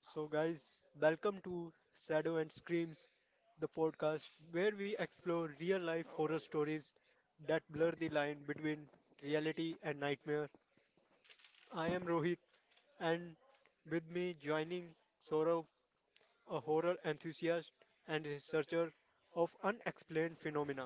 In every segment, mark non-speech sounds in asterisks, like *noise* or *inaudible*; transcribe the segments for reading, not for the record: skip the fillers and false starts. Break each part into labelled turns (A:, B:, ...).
A: So, guys, welcome to Shadow and Screams, the podcast where we explore real life horror stories that blur the line between reality and nightmare. I am Rohit, and with me joining Saurav, a horror enthusiast and researcher of unexplained phenomena.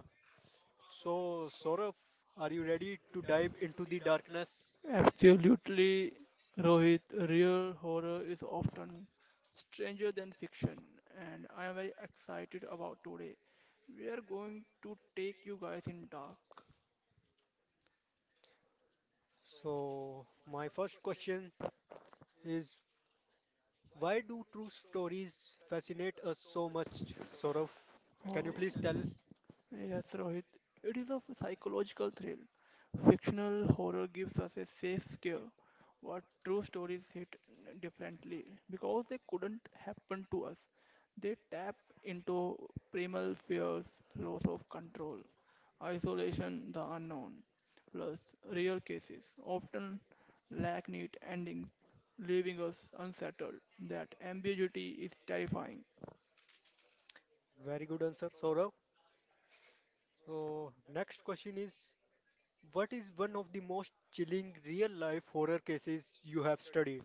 A: So, Saurav, are you ready to dive into the darkness?
B: Absolutely, Rohit. Real horror is often stranger than fiction, and I am very excited about today. We are going to take you guys in dark.
A: So, my first question is, why do true stories fascinate us so much, Saurav?
B: And
A: Can you please tell?
B: Oh, yes, Rohit. It is a psychological thrill. Fictional horror gives us a safe scare, what true stories hit differently. Because they couldn't happen to us, they tap into primal fears, loss of control, isolation, the unknown. Plus, real cases often lack neat endings, leaving us unsettled. That ambiguity is terrifying.
A: Very good answer, Saurav. So, next question is, what is one of the most chilling real life horror cases you have studied?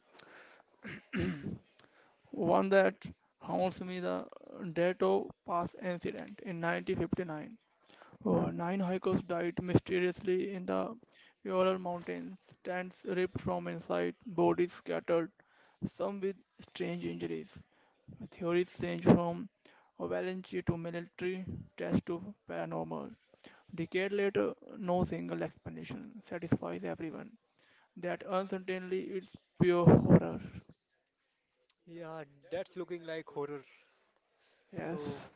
B: One that haunts me the Dato Pass incident in 1959. Oh, nine hikers died mysteriously in the Ural Mountains, tents ripped from inside, bodies scattered, some with strange injuries. Theories range from avalanche to military test to paranormal. Decade later, no single explanation satisfies everyone. That uncertainty is pure horror.
A: Yeah, that's looking like horror. So,
B: Yes,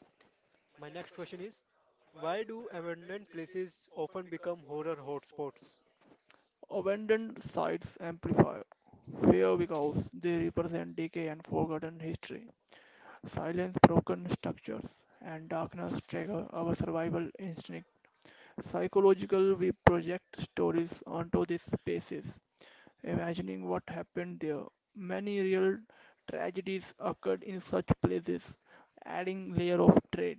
A: my next question is, why do abandoned places often become horror hotspots?
B: abandoned sites amplify fear because they represent decay and forgotten history. Silence, broken structures, and darkness trigger our survival instinct. Psychologically, we project stories onto these spaces, imagining what happened there. Many real tragedies occurred in such places, adding layer of dread.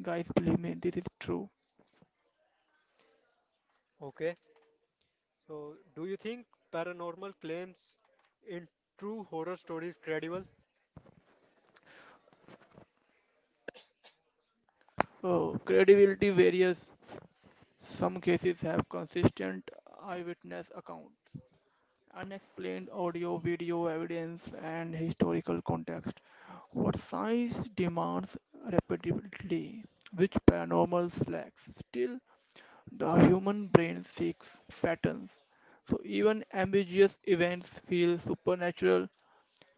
B: Guys, believe me, this is true.
A: Okay, so do you think paranormal claims in true horror stories credible?
B: Oh, credibility varies. Some cases have consistent eyewitness account, unexplained audio, video evidence, and historical context. What science demands repeatedly, which paranormal lacks. Still, the human brain seeks patterns. So even ambiguous events feel supernatural.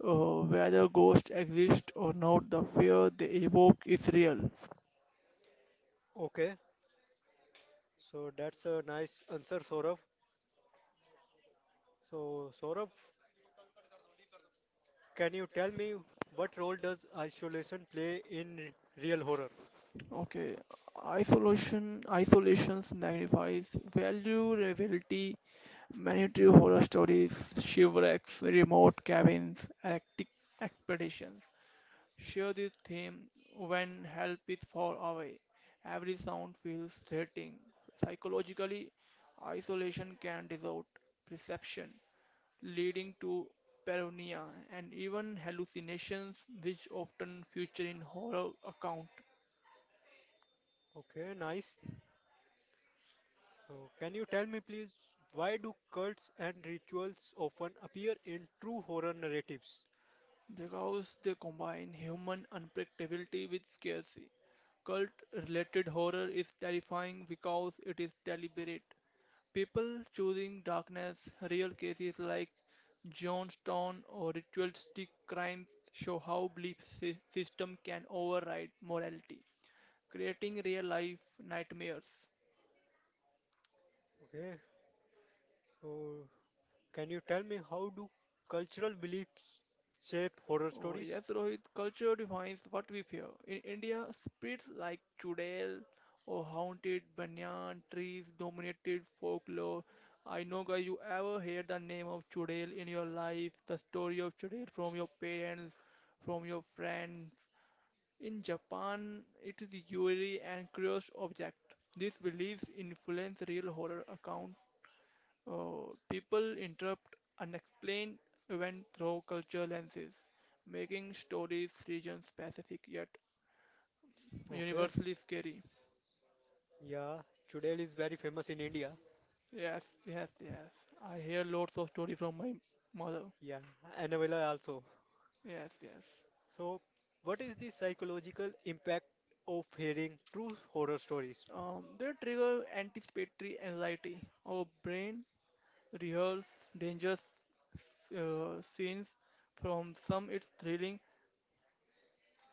B: Whether ghosts exist or not, the fear they evoke is real.
A: Okay, so that's a nice answer, Saurabh. So, Saurabh, can you tell me what role does isolation play in real horror?
B: Okay, isolation isolations magnifies value reality. Many true horror stories, shipwrecks, remote cabins, Arctic expeditions share this theme when help is far away. Every sound feels threatening. Psychologically, isolation can distort perception, leading to paranoia and even hallucinations, which often feature in horror accounts.
A: Okay, nice. So, can you tell me, please, why do cults and rituals often appear in true horror narratives?
B: Because they combine human unpredictability with scarcity. Cult related horror is terrifying because it is deliberate. People choosing darkness, real cases like Johnstone or ritualistic crimes show how belief system can override morality, creating real life nightmares.
A: Okay, so can you tell me how do cultural beliefs shape horror
B: Oh,
A: stories?
B: yes, Rohit, culture defines what we fear. In India, spirits like Chudail or haunted banyan trees dominated folklore. I know, guys, you ever hear the name of Chudail in your life, the story of Chudail from your parents, from your friends. In Japan, it is a eerie and curious object. These beliefs influence real horror accounts. Oh, people interrupt and explain event through cultural lenses, making stories region-specific yet
A: Okay,
B: universally scary.
A: yeah, Chudail is very famous in India.
B: Yes, yes, yes. I hear lots of story from my mother.
A: Yeah, Annabella also.
B: Yes, yes.
A: So, what is the psychological impact of hearing true horror stories?
B: They trigger anticipatory anxiety. Our brain rehearse dangerous scenes. From some, it's thrilling.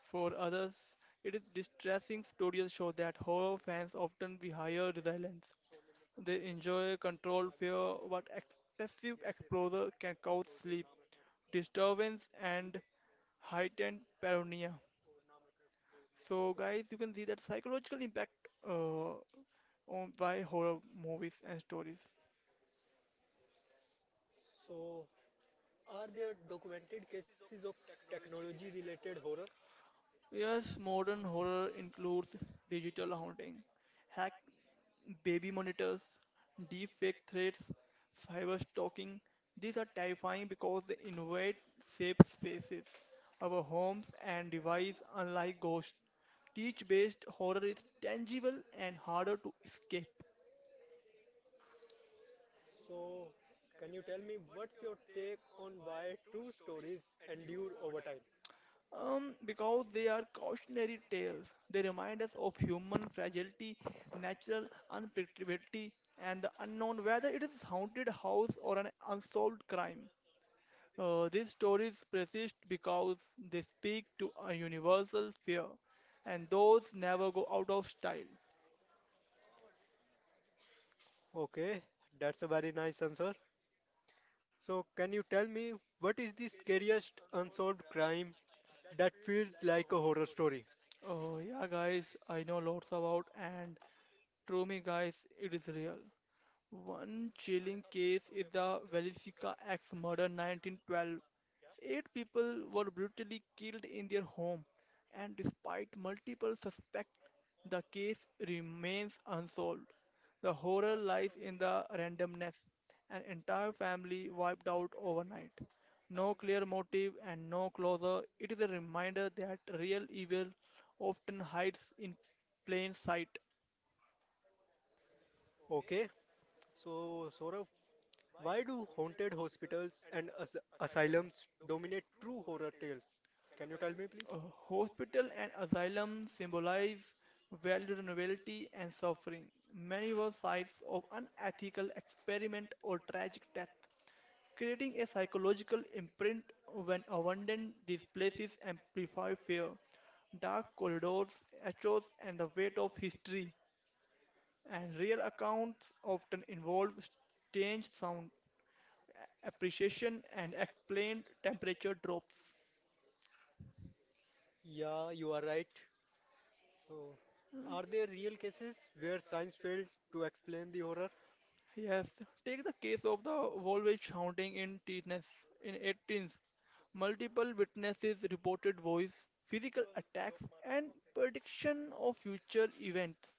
B: For others, it is distressing. Studies show that horror fans often be higher resilience. They enjoy controlled fear, but excessive exposure can cause sleep disturbance and heightened paranoia. So, guys, you can see that psychological impact uh, on by horror movies and stories.
A: So, are there documented cases of technology related horror?
B: Yes, modern horror includes digital haunting, hacked baby monitors, deep fake threats, cyber stalking. These are terrifying because they invade safe spaces, our homes, and device unlike ghosts. Teach-based horror is tangible and harder to escape.
A: So, can you tell me what's your take on why true stories endure over time?
B: Because they are cautionary tales. They remind us of human fragility, natural unpredictability, and the unknown, whether it is a haunted house or an unsolved crime. These stories persist because they speak to a universal fear, and those never go out of style.
A: Okay, that's a very nice answer. So, can you tell me what is the scariest unsolved crime that feels like a horror story?
B: Oh, yeah, guys, I know lots about, and true me, guys, it is real. One chilling case is the Valisica axe murder 1912. Eight people were brutally killed in their home, and despite multiple suspects, the case remains unsolved. The horror lies in the randomness. An entire family wiped out overnight. No clear motive and no closure. It is a reminder that real evil often hides in plain sight.
A: Okay, so Saurav, why do haunted hospitals and as asylums dominate true horror tales? Can you tell me, please?
B: A hospital and asylum symbolize vulnerability and suffering. Many were sites of unethical experiment or tragic death, creating a psychological imprint when abandoned. These places amplify fear, dark corridors, echoes, and the weight of history. And real accounts often involve strange sound, appreciation, and explained temperature drops.
A: Yeah, you are right. So, are there real cases where science failed to explain the horror?
B: Yes, take the case of the Volvo haunting in teens in 18s. Multiple witnesses reported voice, physical attacks, and prediction of future events.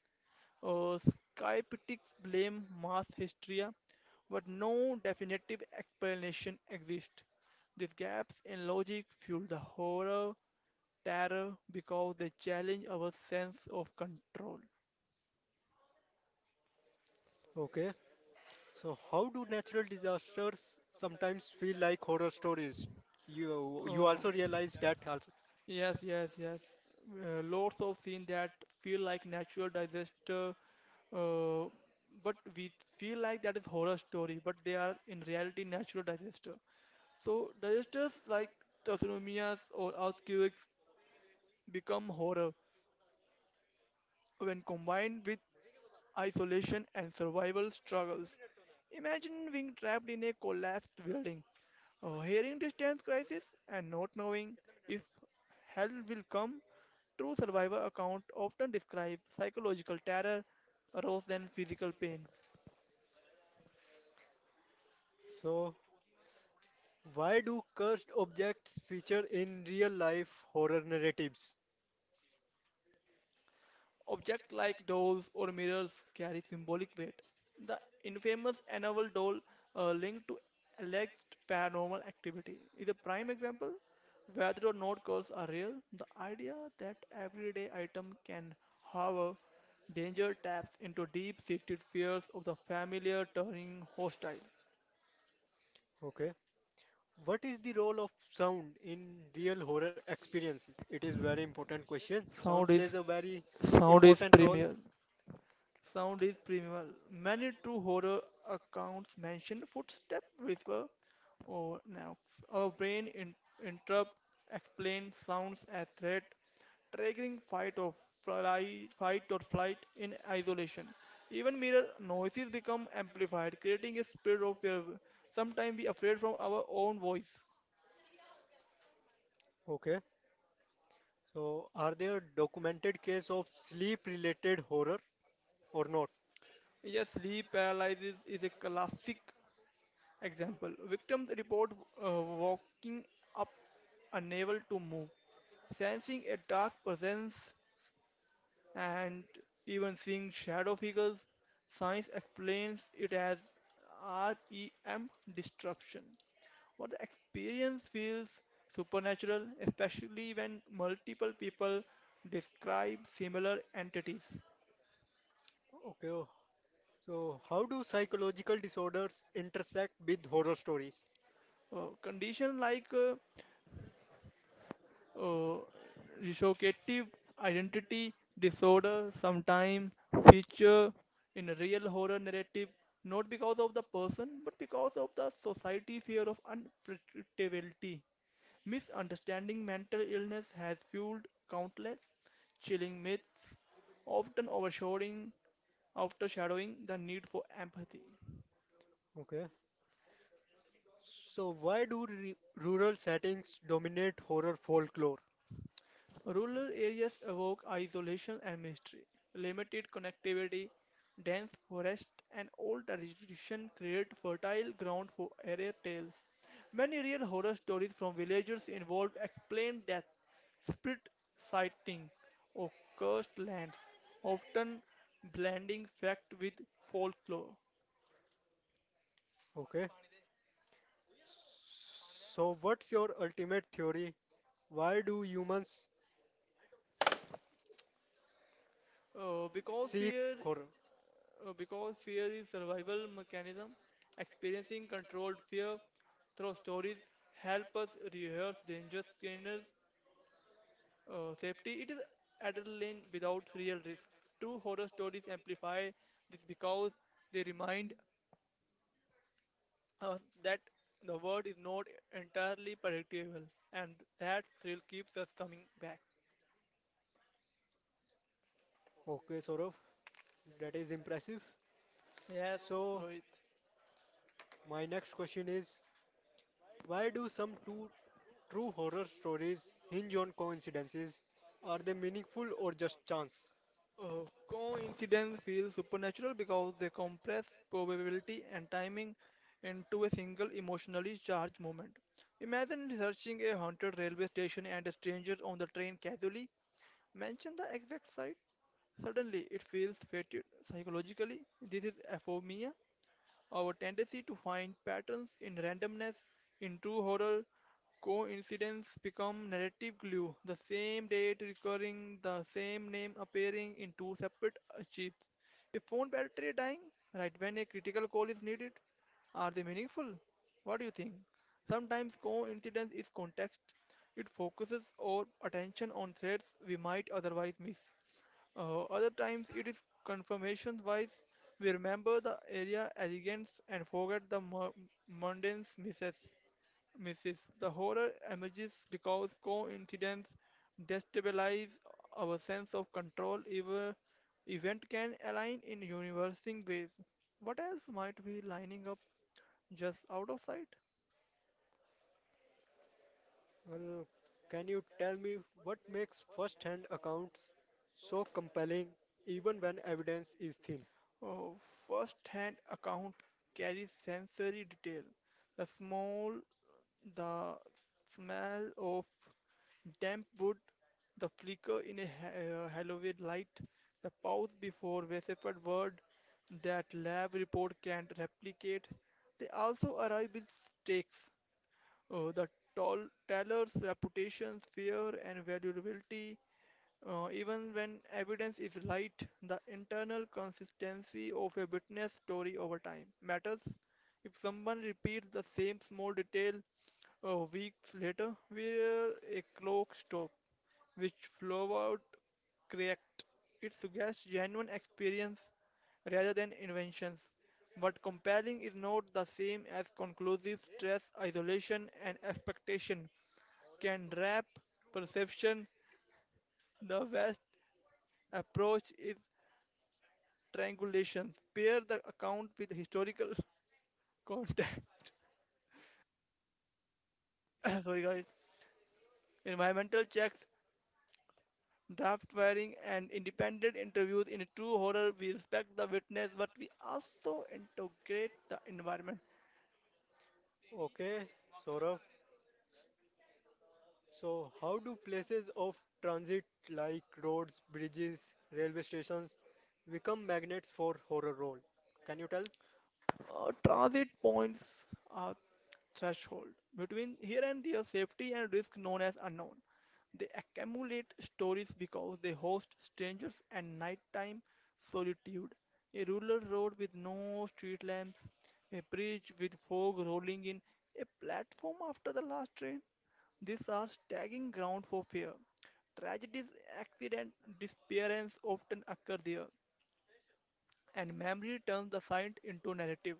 B: Skeptics blame mass hysteria, but no definitive explanation exists. These gaps in logic fuel the horror, terror, because they challenge our sense of control.
A: Okay, so how do natural disasters sometimes feel like horror stories? You
B: Oh,
A: also realize that also.
B: yes, yes, yes. Lots of scenes that feel like natural disaster, uh, but we feel like that is horror story, but they are in reality natural disaster. So disasters like tsunamis or earthquakes become horror when combined with isolation and survival struggles. Imagine being trapped in a collapsed building, hearing distance crisis, and not knowing if help will come. True survivor accounts often describe psychological terror rather than physical pain.
A: So, why do cursed objects feature in real life horror narratives?
B: Objects like dolls or mirrors carry symbolic weight. The infamous Annabelle doll, linked to alleged paranormal activity, is a prime example. Whether or not curses are real, the idea that everyday item can harbor danger taps into deep-seated fears of the familiar turning hostile.
A: Okay. What is the role of sound in real horror experiences? It is very important question. Sound
B: Sound
A: plays
B: is
A: a very
B: sound is
A: important role.
B: premier. Sound is primal. Many true horror accounts mention footstep whisper or knocks. Our brain interrupt explain sounds as threat, triggering fight or flight in isolation. Even mirror noises become amplified, creating a spirit of fear. Sometimes we afraid from our own voice.
A: Okay. So are there documented case of sleep related horror or not?
B: Yes, sleep paralysis is a classic example. Victims report walking up unable to move, sensing a dark presence and even seeing shadow figures, science explains it as REM disruption. But the experience feels supernatural, especially when multiple people describe similar entities.
A: Okay. So how do psychological disorders intersect with horror stories?
B: Conditions like uh, dissociative identity disorder sometime feature in a real horror narrative not because of the person but because of the society fear of unpredictability misunderstanding mental illness has fueled countless chilling myths often overshadowing the need for empathy.
A: Okay. So why do rural settings dominate horror folklore?
B: Rural areas evoke isolation and mystery, limited connectivity, dense forests and old tradition create fertile ground for area tales. Many real horror stories from villagers involve explained death, spirit sighting, or cursed lands, often blending fact with folklore.
A: Okay. So what's your ultimate theory? Why do humans
B: Uh, because
A: seek
B: fear
A: horror?
B: Because fear is survival mechanism, experiencing controlled fear through stories help us rehearse danger signals, safety. It is adrenaline without real risk. True horror stories amplify this because they remind us that the world is not entirely predictable and that thrill keeps us coming back.
A: Okay, Saurav, that is impressive.
B: Yes,
A: So,
B: Rohit.
A: my next question is, why do some two true horror stories hinge on coincidences? Are they meaningful or just chance?
B: Coincidence feels supernatural because they compress probability and timing into a single emotionally charged moment. Imagine searching a haunted railway station and a stranger on the train casually mention the exact site. Suddenly, it feels fated psychologically. This is aphemia, our tendency to find patterns in randomness in true horror coincidences become narrative glue. The same date recurring, the same name appearing in two separate archives. A phone battery dying right when a critical call is needed. Are they meaningful? What do you think? Sometimes coincidence is context. It focuses our attention on threads we might otherwise miss. Other times it is confirmation wise. We remember the area elegance and forget the mundane misses. The horror emerges because coincidence destabilize our sense of control. Even event can align in universing ways. What else might be lining up just out of sight?
A: Well, can you tell me what makes first-hand accounts so compelling even when evidence is thin?
B: Oh, first-hand account carries sensory detail. The small, the smell of damp wood, the flicker in a halogen light, the pause before vocifered word that lab report can't replicate. They also arrive with stakes. The tall teller's reputation's fear and valuability, even when evidence is light, the internal consistency of a witness story over time matters. If someone repeats the same small detail weeks later, where a clock stops, which flow out correct. It suggests genuine experience rather than inventions. But compelling is not the same as conclusive stress, isolation, and expectation can wrap perception. The best approach is triangulation. Pair the account with historical *laughs* context. *coughs* Sorry, guys. Environmental checks, draft wiring, and independent interviews. In a true horror, we respect the witness, but we also integrate the environment.
A: Okay, Saurav, so how do places of transit like roads, bridges, railway stations become magnets for horror role? Can you tell?
B: Transit points are threshold between here and there. Safety and risk known as unknown. They accumulate stories because they host strangers and nighttime solitude. A rural road with no street lamps, a bridge with fog rolling in, a platform after the last train. These are staggering ground for fear. Tragedies, accidents, disappearance often occur there, and memory turns the site into narrative.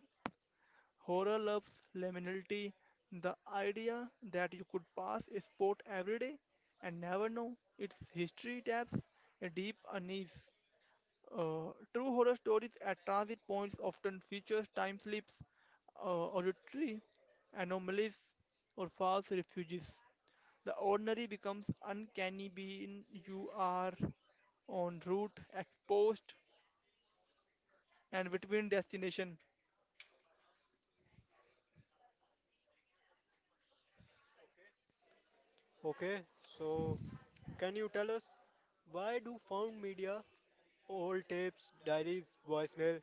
B: Horror loves liminality, the idea that you could pass a spot every day and never know its history.
A: Okay, so can you tell us why do found media, old tapes, diaries, voicemail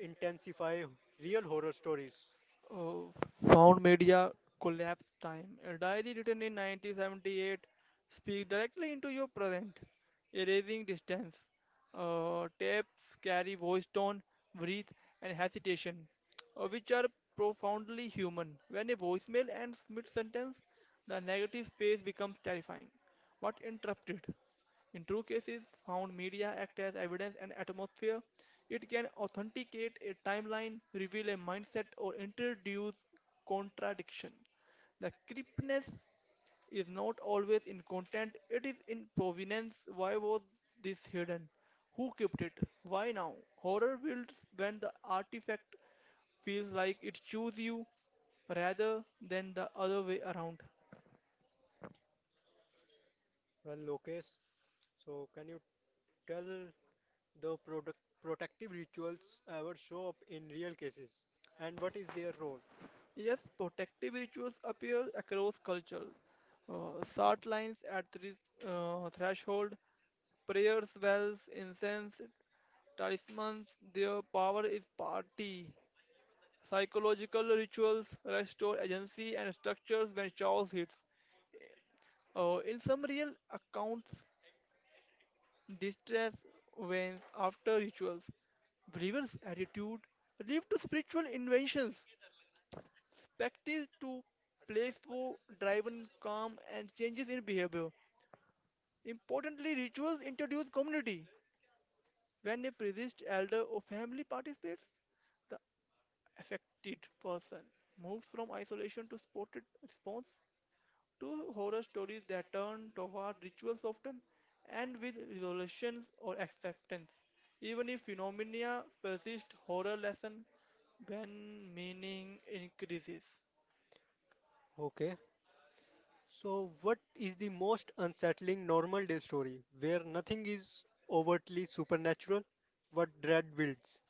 A: intensify real horror stories? Well, Lokesh, so can you tell the product protective rituals ever show up in real cases and what is their role? Okay, so what is the most unsettling normal day story where nothing is overtly supernatural but dread builds?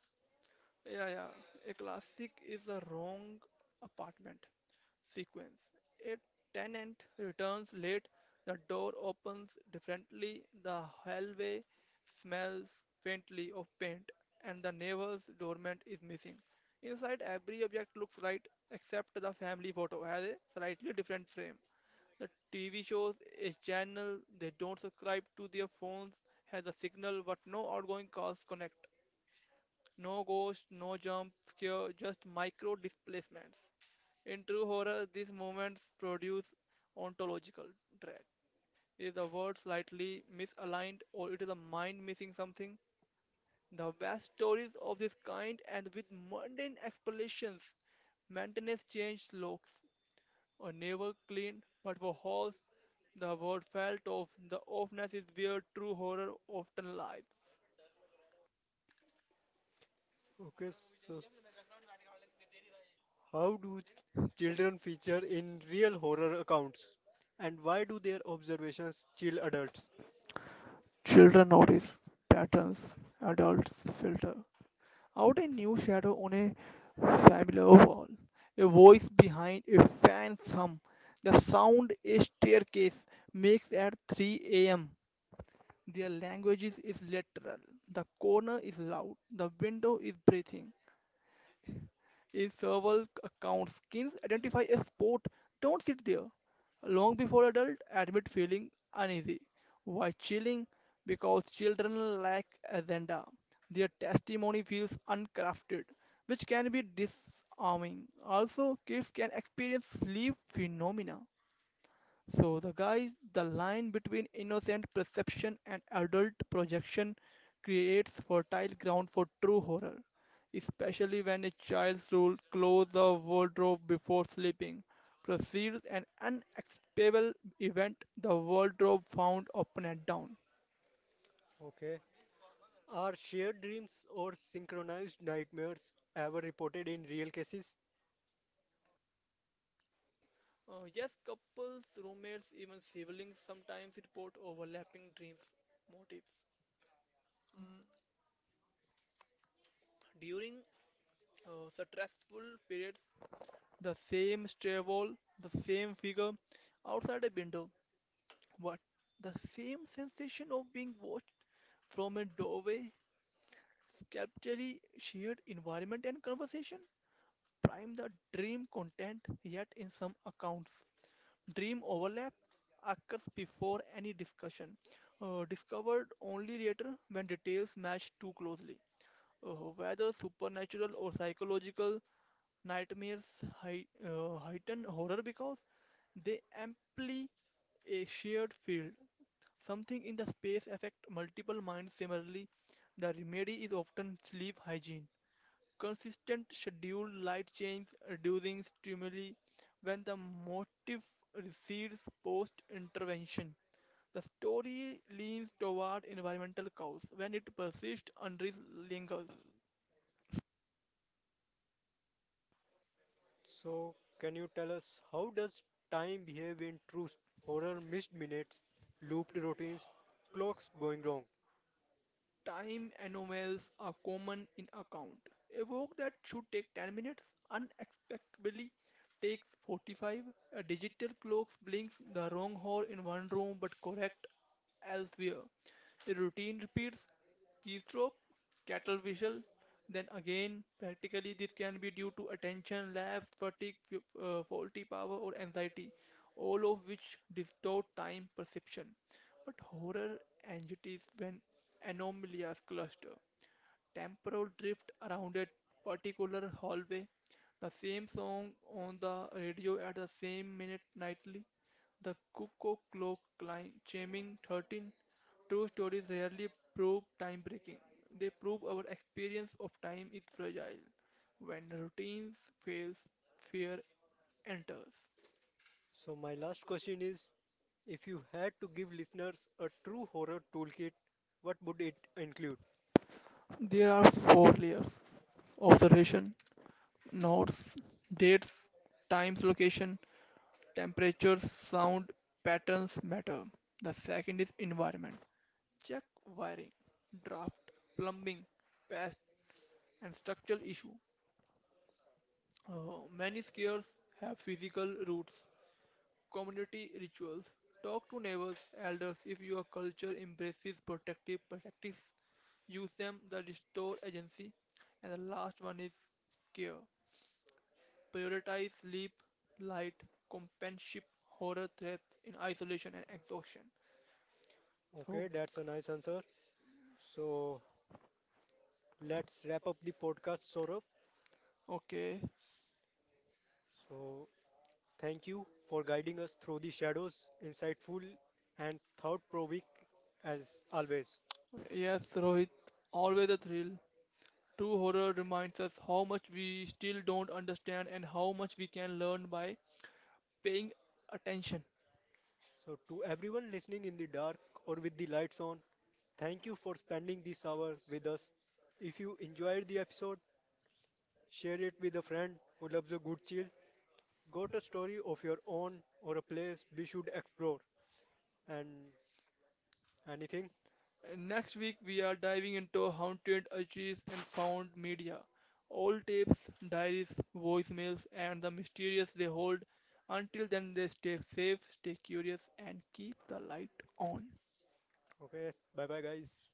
A: Okay, so how do children feature in real horror accounts? And why do their observations chill adults? Okay. Are shared dreams or synchronized nightmares ever reported in real cases? So, can you tell us how does time behave in true horror missed minutes, looped routines, clocks going wrong? So, my last question is, if you had to give listeners a true horror toolkit, what would it include? Okay, that's a nice answer. So, let's wrap up the podcast, Saurabh. So, thank you for guiding us through the shadows, insightful and thought provoking as always. So, to everyone listening in the dark or with the lights on, thank you for spending this hour with us. If you enjoyed the episode, share it with a friend who loves a good chill. Got a story of your own or a place we should explore and anything. Okay, bye bye, guys.